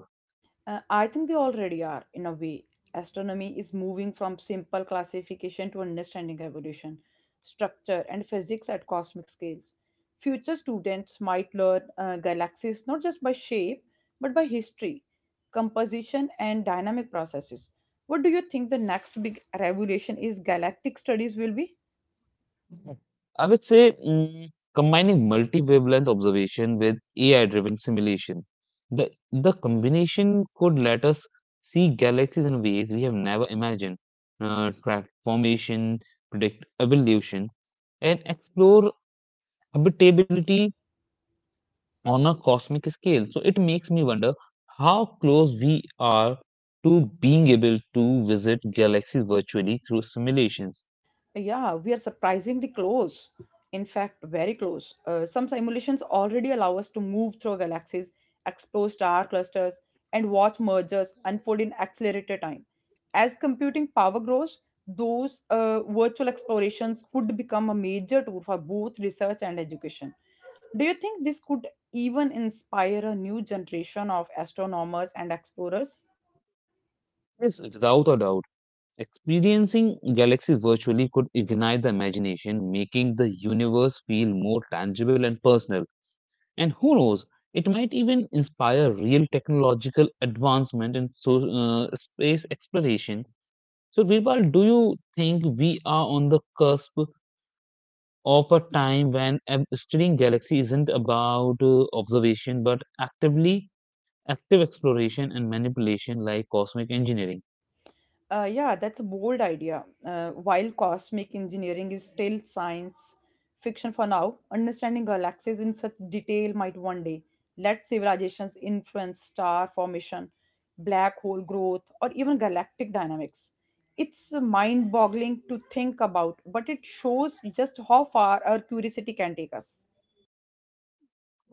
S1: I think they already are, in a way. Astronomy is moving from simple classification to understanding evolution, structure, and physics at cosmic scales. Future students might learn galaxies not just by shape, but by history, composition, and dynamic processes. What do you think the next big revolution is galactic studies will be?
S2: Mhm. I would say combining multi-wavelength observation with AI-driven simulation. The combination could let us see galaxies in ways we have never imagined, track formation, predict evolution, and explore habitability on a cosmic scale. So it makes me wonder how close we are to being able to visit galaxies virtually through simulations.
S1: Yeah, we are surprisingly close. In fact, very close. Some simulations already allow us to move through galaxies, explore star clusters, and watch mergers unfold in accelerated time. As computing power grows, those virtual explorations could become a major tool for both research and education. Do you think this could even inspire a new generation of astronomers and explorers?
S2: Yes, without a doubt. Experiencing galaxies virtually could ignite the imagination, making the universe feel more tangible and personal. And who knows, it might even inspire real technological advancement in space exploration. So, Virpal, do you think we are on the cusp of a time when studying galaxy isn't about observation but active exploration and manipulation like cosmic engineering?
S1: Yeah, that's a bold idea. While cosmic engineering is still science fiction for now, understanding galaxies in such detail might one day let civilizations influence star formation, black hole growth, or even galactic dynamics. It's mind boggling to think about, but it shows just how far our curiosity can take us.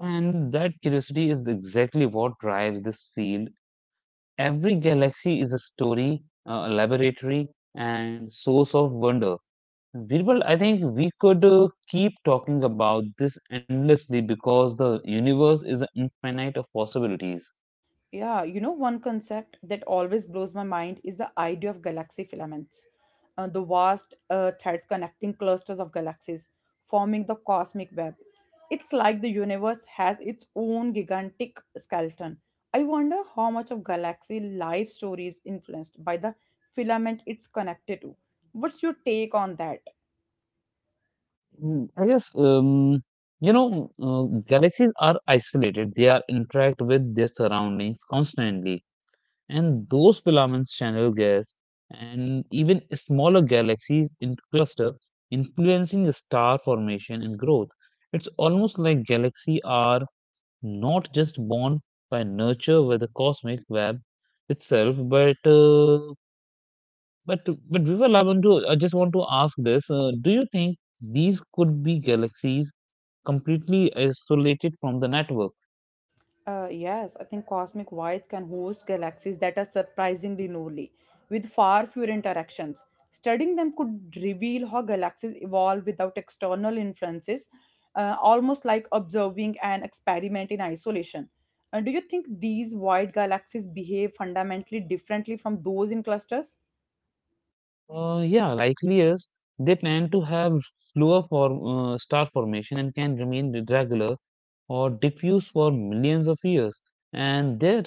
S2: And that curiosity is exactly what drives this field. Every galaxy is a story, a laboratory and source of wonder. Birbal, I think we could keep talking about this endlessly because the universe is infinite of possibilities.
S1: Yeah, you know, one concept that always blows my mind is the idea of galaxy filaments, the vast threads connecting clusters of galaxies, forming the cosmic web. It's like the universe has its own gigantic skeleton. I wonder how much of galaxy life story is influenced by the filament it's connected to. What's your take on that?
S2: I guess galaxies are isolated; they are interact with their surroundings constantly, and those filaments channel gas and even smaller galaxies in cluster, influencing star formation and growth. It's almost like galaxies are not just born by nurture with the cosmic web itself, but but Vival, I just want to ask this: Do you think these could be galaxies completely isolated from the network?
S1: Yes, I think cosmic voids can host galaxies that are surprisingly newly, with far fewer interactions. Studying them could reveal how galaxies evolve without external influences, almost like observing an experiment in isolation. Do you think these void galaxies behave fundamentally differently from those in clusters?
S2: Yeah, likely is they tend to have slower for star formation and can remain irregular or diffuse for millions of years. And their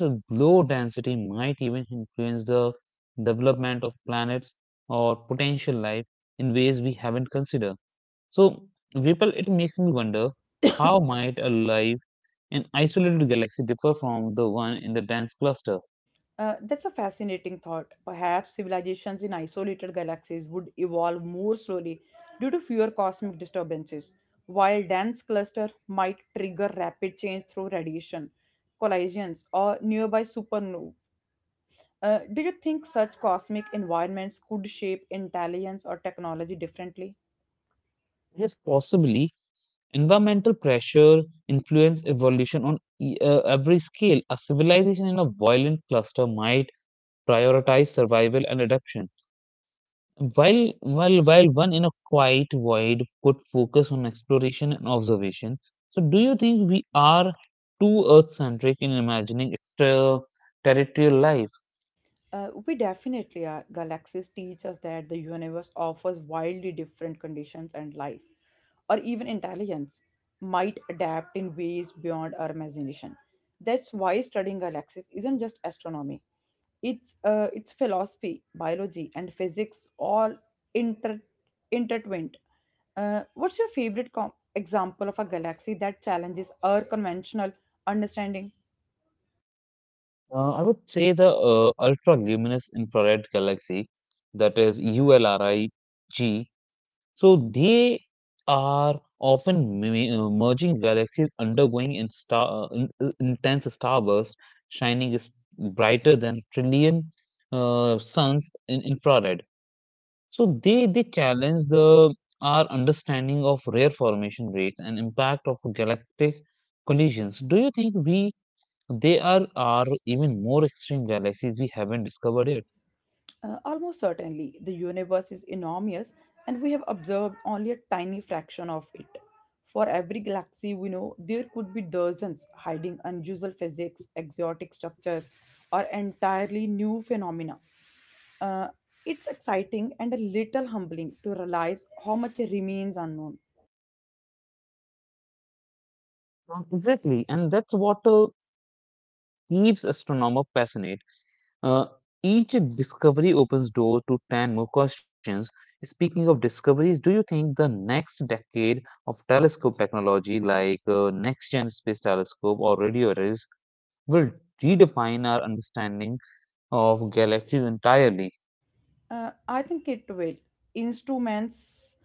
S2: low density might even influence the development of planets or potential life in ways we haven't considered. So, Vipul, it makes me wonder how might a life in isolated galaxy differ from the one in the dense cluster?
S1: That's a fascinating thought. Perhaps civilizations in isolated galaxies would evolve more slowly due to fewer cosmic disturbances, while dense cluster might trigger rapid change through radiation, collisions, or nearby supernovae. Do you think such cosmic environments could shape intelligence or technology differently?
S2: Yes, possibly environmental pressure influence evolution on every scale. A civilization in a violent cluster might prioritize survival and adaptation, while one in a quiet void could focus on exploration and observation. So, do you think we are too earth-centric in imagining extraterrestrial life?
S1: We definitely are. Galaxies teach us that the universe offers wildly different conditions and life, or even intelligence, might adapt in ways beyond our imagination. That's why studying galaxies isn't just astronomy. It's philosophy, biology, and physics all inter intertwined. What's your favorite example of a galaxy that challenges our conventional understanding?
S2: I would say the ultra-luminous infrared galaxy, that is ULRIG. So they are often merging galaxies undergoing in intense starburst, shining is brighter than trillion suns in infrared. So they challenge the our understanding of rare formation rates and impact of galactic collisions. Do you think we they are even more extreme galaxies we haven't discovered yet?
S1: Almost certainly, the universe is enormous and we have observed only a tiny fraction of it. For every galaxy we know, there could be dozens hiding unusual physics, exotic structures, or entirely new phenomena. Uh, it's exciting and a little humbling to realize how much remains unknown.
S2: Not exactly, and that's what keeps astronomers fascinated. Uh, each discovery opens doors to 10 more questions. Speaking of discoveries, do you think the next decade of telescope technology, like next gen space telescope or radio arrays, will redefine our understanding of galaxies entirely?
S1: I think it will. Instruments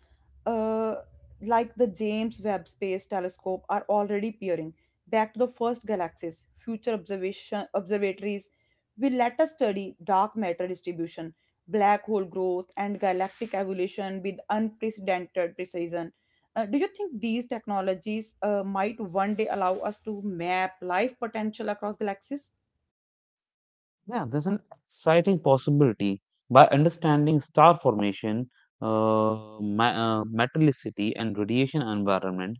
S1: uh, like the James Webb Space Telescope are already peering back to the first galaxies. Future observation observatories will let us study dark matter distribution, black hole growth, and galactic evolution with unprecedented precision. Do you think these technologies might one day allow us to map life potential across galaxies?
S2: Yeah, there's an exciting possibility. By understanding star formation, metallicity, and radiation environment,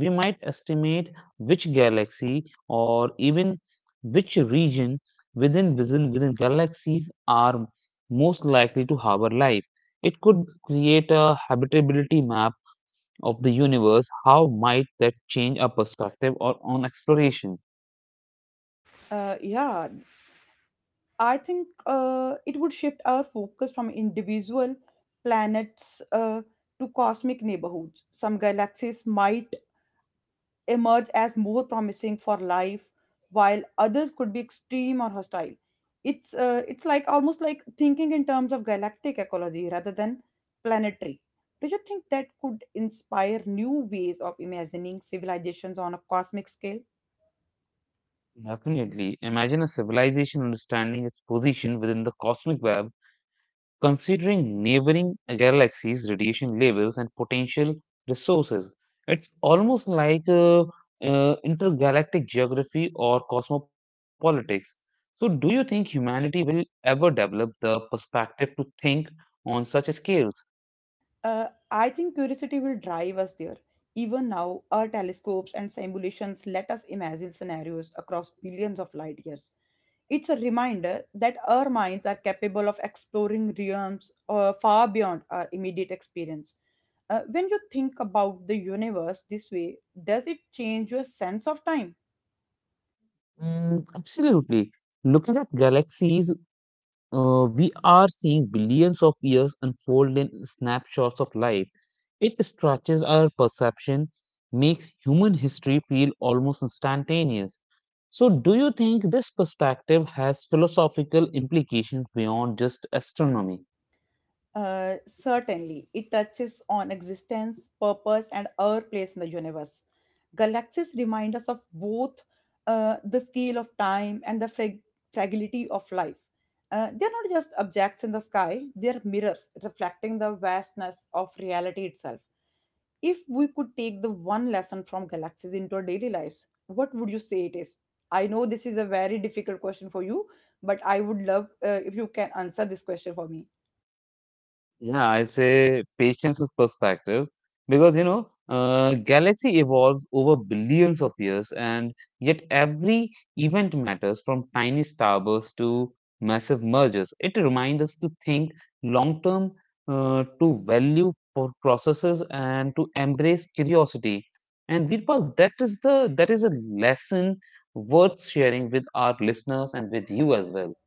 S2: we might estimate which galaxy or even which region within galaxies are most likely to harbor life. It could create a habitability map of the universe. How might that change our perspective or on exploration?
S1: Yeah, I think it would shift our focus from individual planets to cosmic neighborhoods. Some galaxies might emerge as more promising for life, while others could be extreme or hostile. It's like almost like thinking in terms of galactic ecology rather than planetary. Do you think that could inspire new ways of imagining civilizations on a cosmic scale?
S2: Definitely. Imagine a civilization understanding its position within the cosmic web, considering neighboring galaxies' radiation levels and potential resources. It's almost like intergalactic geography or cosmopolitics. So, do you think humanity will ever develop the perspective to think on such scales?
S1: I think curiosity will drive us there. Even now, our telescopes and simulations let us imagine scenarios across billions of light years. It's a reminder that our minds are capable of exploring realms far beyond our immediate experience. When you think about the universe this way, does it change your sense of time?
S2: Mm, absolutely. Looking at galaxies, we are seeing billions of years unfold in snapshots of life. It stretches our perception, makes human history feel almost instantaneous. So, do you think this perspective has philosophical implications beyond just astronomy?
S1: Certainly, it touches on existence, purpose, and our place in the universe. Galaxies remind us of both the scale of time and the fragility of life. They are not just objects in the sky, they are mirrors reflecting the vastness of reality itself. If we could take the one lesson from galaxies into our daily lives, what would you say it is? I know this is a very difficult question for you, but I would love if you can answer this question for me.
S2: Yeah, I say patience is perspective because you know, galaxy evolves over billions of years, and yet every event matters from tiny starbursts to massive mergers. It reminds us to think long term, to value processes, and to embrace curiosity. And Virpal, that is a lesson worth sharing with our listeners and with you as well.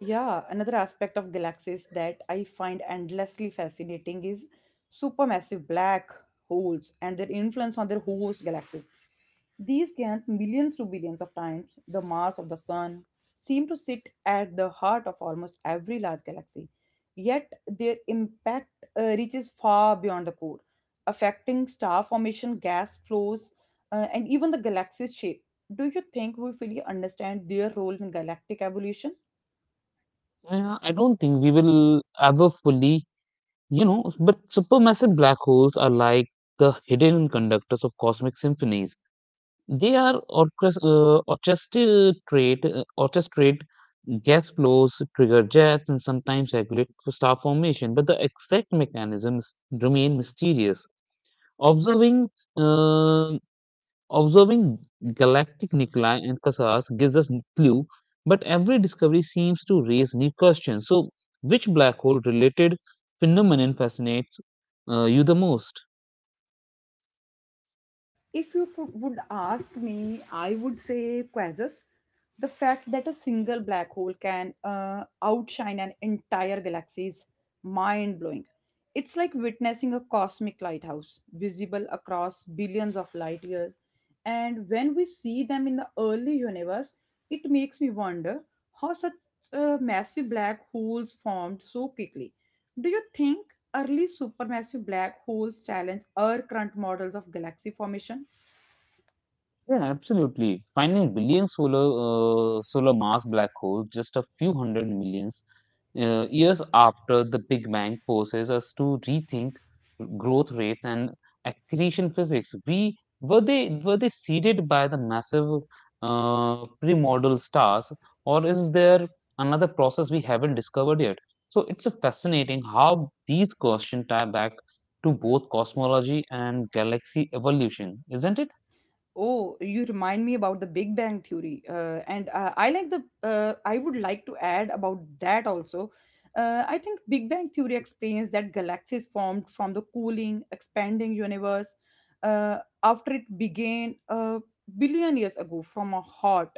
S1: Yeah, another aspect of galaxies that I find endlessly fascinating is supermassive black holes and their influence on their host galaxies. These giants, millions to billions of times the mass of the sun, seem to sit at the heart of almost every large galaxy. Yet their impact reaches far beyond the core, affecting star formation, gas flows, and even the galaxy's shape. Do you think we fully understand their role in galactic evolution?
S2: Yeah, I don't think we will ever fully. You know, but supermassive black holes are like the hidden conductors of cosmic symphonies. They are orchestrate gas flows, trigger jets, and sometimes regulate for star formation. But the exact mechanisms remain mysterious. Observing uh, Observing galactic nuclei and quasars gives us clue, but every discovery seems to raise new questions. So, which black hole related phenomenon fascinates you the most?
S1: If you would ask me, I would say quasars. The fact that a single black hole can outshine an entire galaxy is mind blowing. It's like witnessing a cosmic lighthouse visible across billions of light years. And when we see them in the early universe, it makes me wonder how such massive black holes formed so quickly. Do you think early supermassive black holes challenge our current models of galaxy formation?
S2: Yeah, absolutely. Finding billion solar solar mass black holes just a few hundred millions years after the Big Bang forces us to rethink growth rates and accretion physics. We were they seeded by the massive primordial stars, or is there another process we haven't discovered yet? So it's a fascinating how these questions tie back to both cosmology and galaxy evolution, isn't it?
S1: Oh, you remind me about the Big Bang Theory, and I like the. I would like to add about that also. I think Big Bang Theory explains that galaxies formed from the cooling, expanding universe after it began a billion years ago from a hot,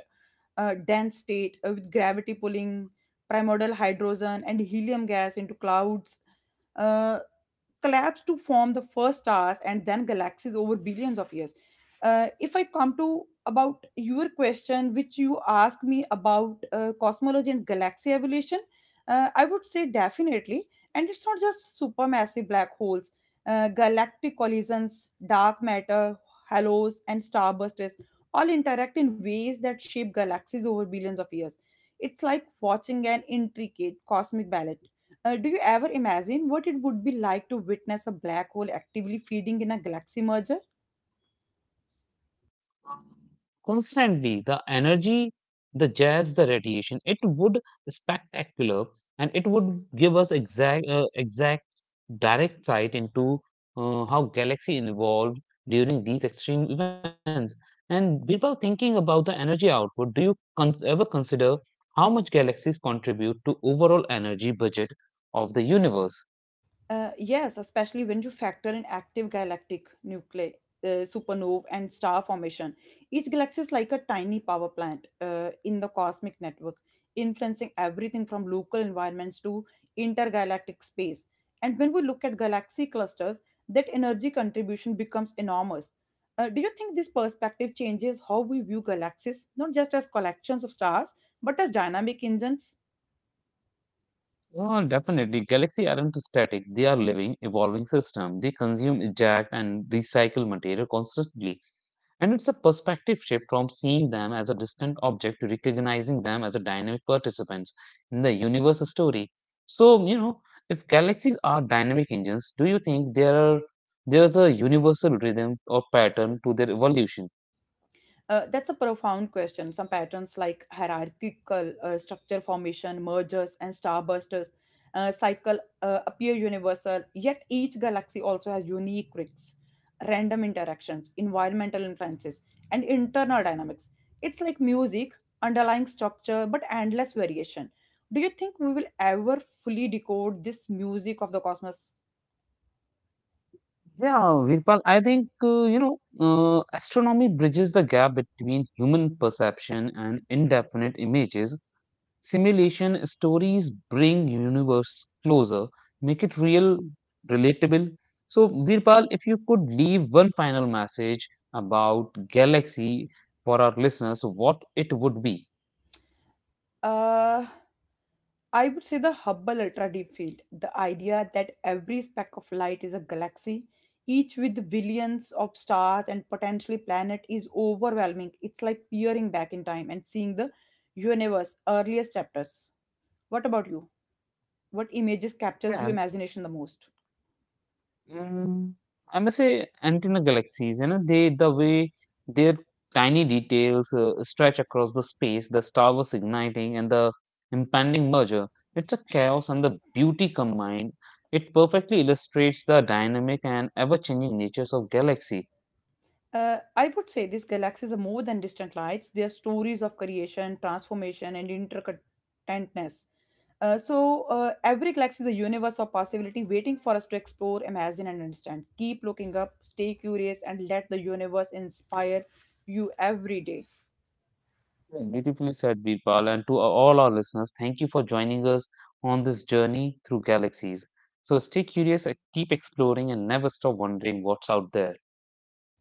S1: dense state with gravity pulling primordial hydrogen and helium gas into clouds. Uh, Collapsed to form the first stars and then galaxies over billions of years. If I come to about your question, which you asked me about cosmology and galaxy evolution, I would say definitely. And it's not just supermassive black holes, galactic collisions, dark matter, halos, and starbursts all interact in ways that shape galaxies over billions of years. It's like watching an intricate cosmic ballet. Do you ever imagine what it would be like to witness a black hole actively feeding in a galaxy merger?
S2: Constantly, the energy, the jets, the radiation, it would spectacular and it would give us exact direct sight into how galaxy evolved during these extreme events. And without thinking about the energy output, do you ever consider how much galaxies contribute to overall energy budget of the universe?
S1: Yes, especially when you factor in active galactic nuclei, supernovae, and star formation. Each galaxy is like a tiny power plant in the cosmic network, influencing everything from local environments to intergalactic space. And when we look at galaxy clusters, that energy contribution becomes enormous. Do you think this perspective changes how we view galaxies, not just as collections of stars, but as dynamic engines?
S2: Well, definitely. Galaxies aren't static. They are living, evolving systems. They consume, eject, and recycle material constantly. And it's a perspective shift from seeing them as a distant object to recognizing them as a dynamic participants in the universe story. So, you know, if galaxies are dynamic engines, do you think there's a universal rhythm or pattern to their evolution?
S1: That's a profound question. Some patterns like hierarchical structure formation, mergers, and starbursters cycle appear universal, yet each galaxy also has unique quirks, random interactions, environmental influences, and internal dynamics. It's like music, underlying structure, but endless variation. Do you think we will ever fully decode this music of the cosmos?
S2: Yeah, Virpal, I think astronomy bridges the gap between human perception and indefinite images. Simulation stories bring universe closer, make it real, relatable. So, Virpal, if you could leave one final message about galaxy for our listeners, what it would be?
S1: Uh, I would say the Hubble ultra deep field, the idea that every speck of light is a galaxy, each with billions of stars and potentially planet is overwhelming. It's like peering back in time and seeing the universe earliest chapters. What about you? What images captures
S2: Yeah.
S1: your imagination the most?
S2: Mm, I must say, antenna galaxies, you know, they the way their tiny details stretch across the space, the star was igniting and the impending merger. It's a chaos and the beauty combined. It perfectly illustrates the dynamic and ever-changing natures of galaxy.
S1: I would say these galaxies are more than distant lights. They are stories of creation, transformation, and interconnectedness. So every galaxy is a universe of possibility waiting for us to explore, imagine, and understand. Keep looking up, stay curious, and let the universe inspire you every day.
S2: Yeah, beautifully said, Birpal, and to all our listeners, thank you for joining us on this journey through galaxies. So stay curious, keep exploring, and never stop wondering what's out there.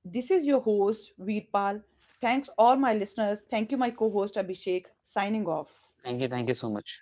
S1: This is your host, Veerpal. Thanks, all my listeners. Thank you, my co host, Abhishek, signing off.
S2: Thank you so much.